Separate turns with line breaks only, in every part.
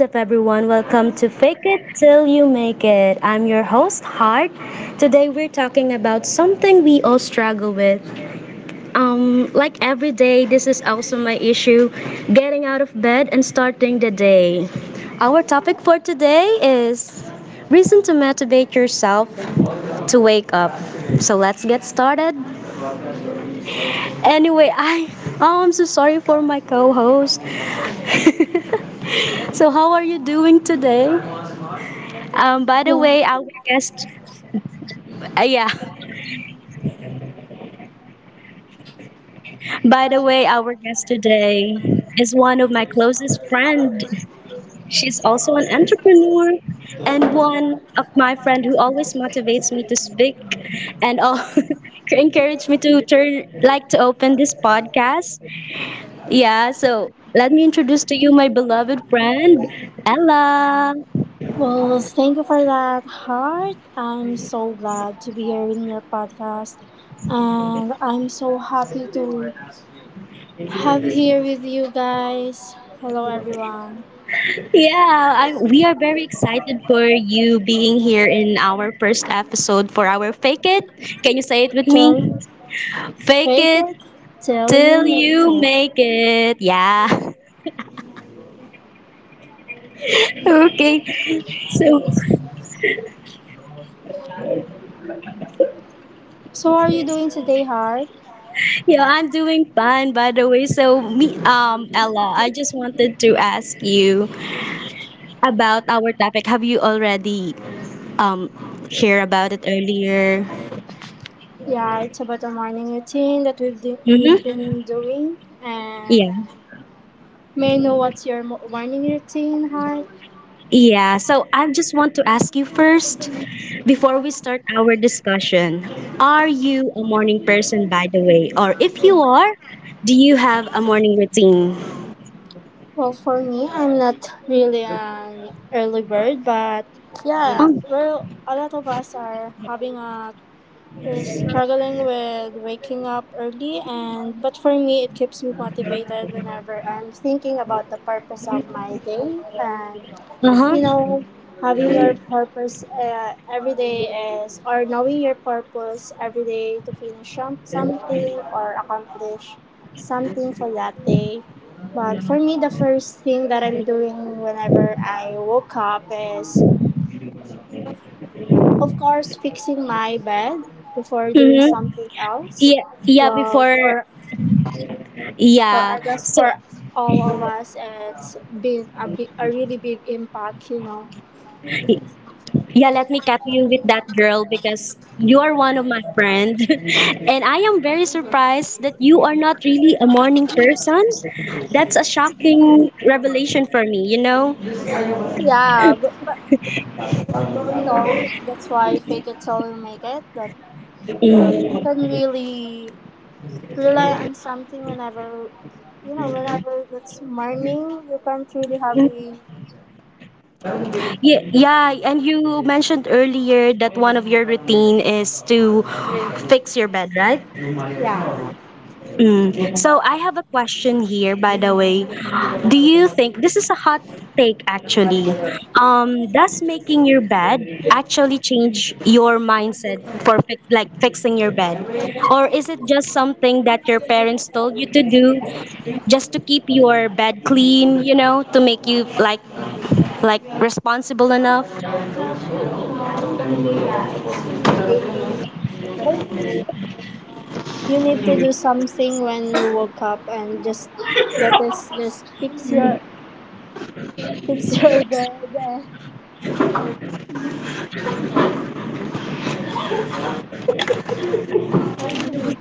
up, everyone? Welcome to Fake It Till You Make It. I'm your host, Heart. Today, we're talking about something we all struggle with. Like every day, this is also my issue getting out of bed and starting the day. Our topic for today is reason to motivate yourself to wake up. So let's get started. Anyway, I oh, I'm so sorry for my co-host. So how are you doing today? By the way, our guest, yeah, by the way, our guest today is one of my closest friend. She's also an entrepreneur and one of my friend who always motivates me to speak and all encourage me to turn like to open this podcast. Yeah, so let me introduce to you my beloved friend, Ella.
Well, thank you for that, Heart. I'm so glad to be here in your podcast. And I'm so happy to have here with you guys. Hello, everyone.
Yeah, I, we are very excited for you being here in our first episode for our Fake It. Can you say it with me?
Till
Fake
fake
it
it till you
till
make
you
it.
make it. Yeah. Okay. So,
So, how are you doing today, Heart?
yeah, I'm doing fine by the way. So, me Ella, I just wanted to ask you about our topic. Have you already um hear about it earlier?
Yeah, it's about a morning routine that
Mhm.
we've been doing. And
Yeah.
may I know what's your morning routine, Heart?
Yeah. So I just want to ask you first, before we start our discussion, are you a morning person, by the way? Or if you are, do you have a morning routine?
Well, for me, I'm not really an early bird, but yeah,
Oh,
well, a lot of us are having a is struggling with waking up early and but for me it keeps me motivated whenever I'm thinking about the purpose of my day and
uh
you
huh.
know having your purpose every day is or knowing your purpose every day to finish something or accomplish something for that day but for me the first thing that I'm doing whenever I woke up is of course fixing my bed before doing
Mm-hmm.
something else
Yeah, yeah,
well
before,
for well
yeah.
I guess
So,
for all of us it's been a really big impact you know.
yeah, let me cap you with that girl because you are one of my friend. And I am very surprised that you are not really a morning person. That's a shocking revelation for me, you know?
Yeah. You know, that's why fake it till you make it. That
Mm.
you can really rely on something whenever, you know, whenever it's morning, you can't really have a,
Yeah, yeah, and you mentioned earlier that one of your routine is to fix your bed, right?
yeah,
Mm. So I have a question here, by the way. Do you think this is a hot take actually? Does making your bed actually change your mindset for fixing your bed, or is it just something that your parents told you to do just to keep your bed clean? You know, to make you like responsible enough?
a, like a, you need to do something when you woke up and just, that is just fix fix your bed and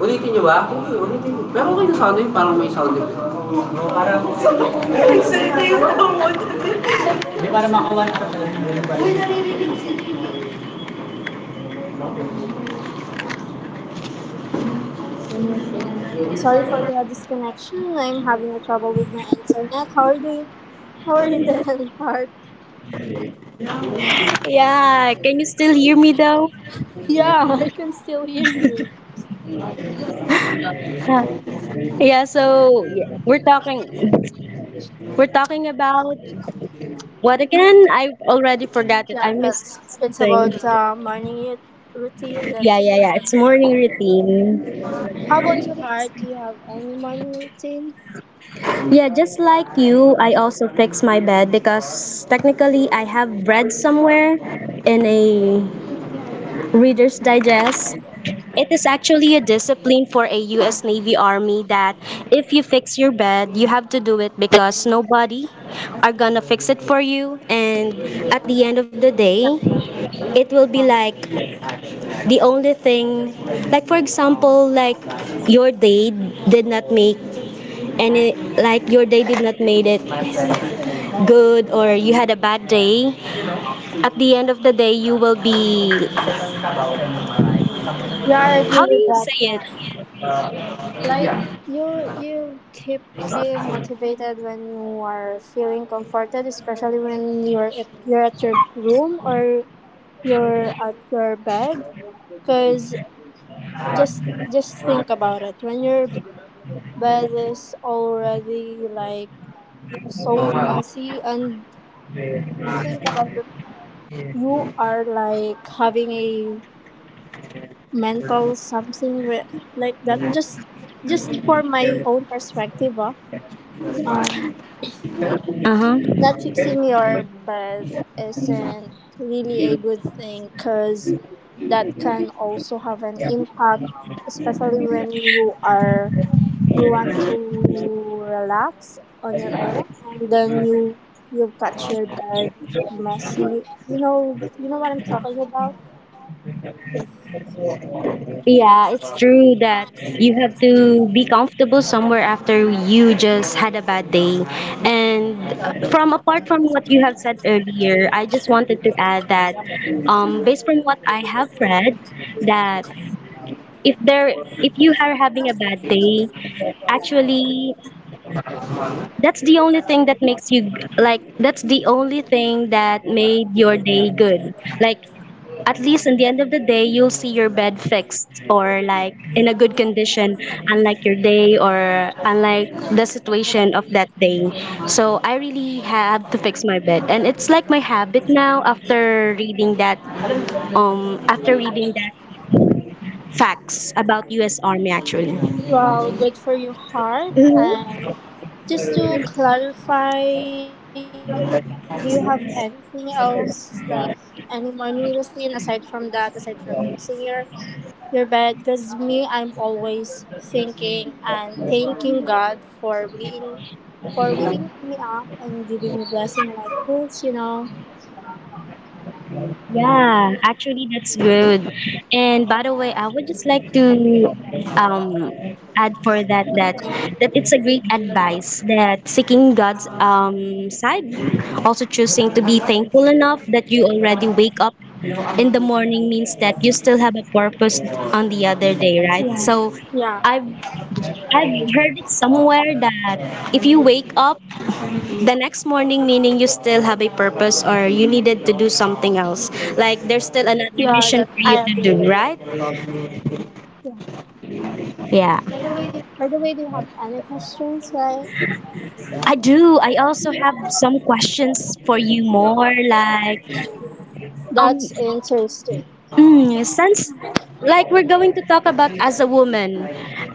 Ulitin niyo ba? Sige, ulitin niyo. Pero okay na sound effect. Parang may sound effect.
Sorry for the disconnection. I'm having a trouble with my internet. How are you doing? How are you doing, Part?
Yeah, can you still hear me though?
Yeah, I can still hear you.
Huh. Yeah, so yeah, we're talking about what again? I already forgot it.
Yeah,
I missed
it's about
something.
morning routine. That
Yeah, yeah, yeah. It's morning routine.
how about you, Heart? Do you have any morning routine?
Yeah, just like you, I also fix my bed because technically I have read somewhere in a Reader's Digest. It is actually a discipline for a US Navy Army that if you fix your bed, you have to do it because nobody are gonna fix it for you and at the end of the day, it will be
Hi.
like the only thing, like for example, like your day did not make any, like your day did not made it good or you had a bad day, at the end of the day you will be,
Yeah, I
how
agree
do
with
you
that,
say it?
Heart. Like you keep being motivated when you are feeling comforted, especially when you're at your room or you're at your bed. Cause just just think about it. When your bed is already like so messy and think about the you are like having a mental something with, like that just for my own perspective um
Uh-huh.
not fixing your bed isn't really a good thing because that can also have an impact especially when you are you want to relax on your own and then you you've got your bed messy you know what I'm talking about.
Yeah, it's true that you have to be comfortable somewhere after you just had a bad day. And from apart from what you have said earlier, I just wanted to add that based from what I have read, that if there if you are having a bad day, actually that's the only thing that makes you, that's the only thing that made your day good. Like at least in the end of the day you'll see your bed fixed or like in a good condition, unlike your day or unlike the situation of that day. So I really have to fix my bed and it's like my habit now after reading that, after reading that facts about US Army actually.
Well, good for your heart.
Mm-hmm.
And just to clarify, do you have anything else like any morning routine aside from that, aside from fixing your bed? Because me, I'm always thinking and thanking God for waking me up and giving me blessing like this. You know?
Yeah, actually that's good. And by the way, I would just like to um add for that that it's a great advice that seeking God's side, also choosing to be thankful enough that you already wake up in the morning means that you still have a purpose on the other day, right? So
Yeah.
I've
Yeah.
I've heard it somewhere that if you wake up the next morning, meaning you still have a purpose or you needed to do something else, like there's still another
Yeah.
mission
That,
for you
I
to
agree
do,
with you.
right?
Yeah.
Yeah,
By the way, do you have any questions? Right?
I do. I also have some questions for you, more like, um
That's interesting.
mm, sounds like we're going to talk about as a woman.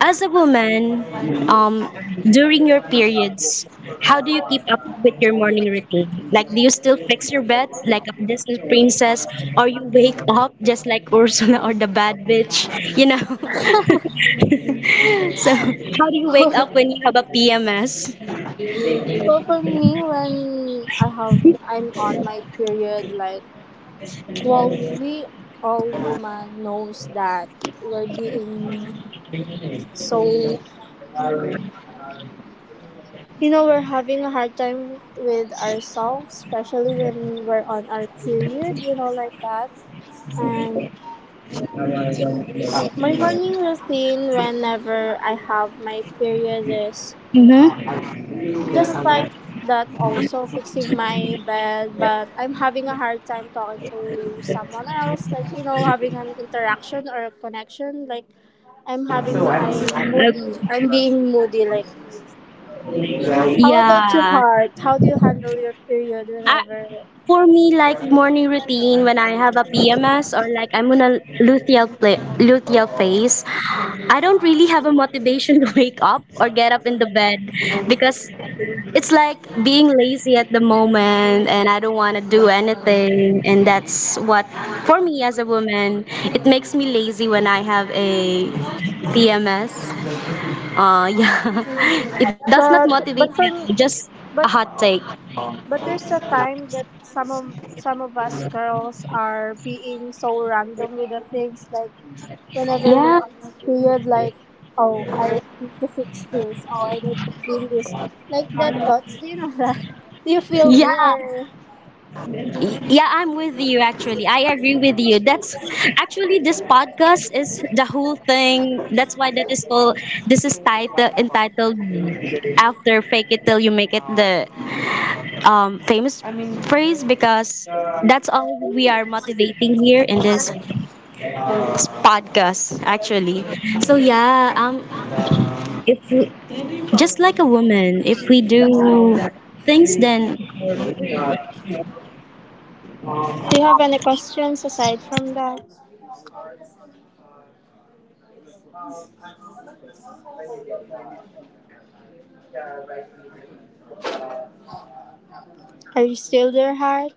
As a woman, um, during your periods, how do you keep up with your morning routine? Like, do you still fix your bed like a Disney princess, or you wake up just like Ursula or the bad bitch? You know. So, how do you wake up when you have a PMS?
Well, for me, when I'm on my period, like well, we all woman knows that we're being so you know we're having a hard time with ourselves, especially when we're on our period, you know, like that. And my morning routine whenever I have my period is
Mm-hmm.
just like that, also fixing my bed, but I'm having a hard time talking to someone else, like, you know, having an interaction or a connection. Like, I'm moody. I'm being moody. Like, how about your
Yeah.
heart? How do you handle your period
I,
whenever?
for me, like morning routine when I have a PMS or like I'm on a luteal phase, I don't really have a motivation to wake up or get up in the bed because it's like being lazy at the moment and I don't want to do anything and that's what, for me as a woman, it makes me lazy when I have a PMS. Yeah. It does not motivate me.
But for,
Just a
but
hot take.
But there's a time that some of us girls are being so random with the things like whenever
Yeah.
we're on a period like oh I need to fix this, oh I need to clean this. Like that thoughts, do you know that? Do you feel
Yeah.
me or
Yeah, I'm with you actually. I agree with you. That's actually this podcast is the whole thing. That's why that is called, this is title entitled after fake it till you make it, the famous phrase because that's all we are motivating here in this podcast actually. So yeah, if we, just like a woman, if we do things then
do you have any questions aside from that? Are you still there, heart?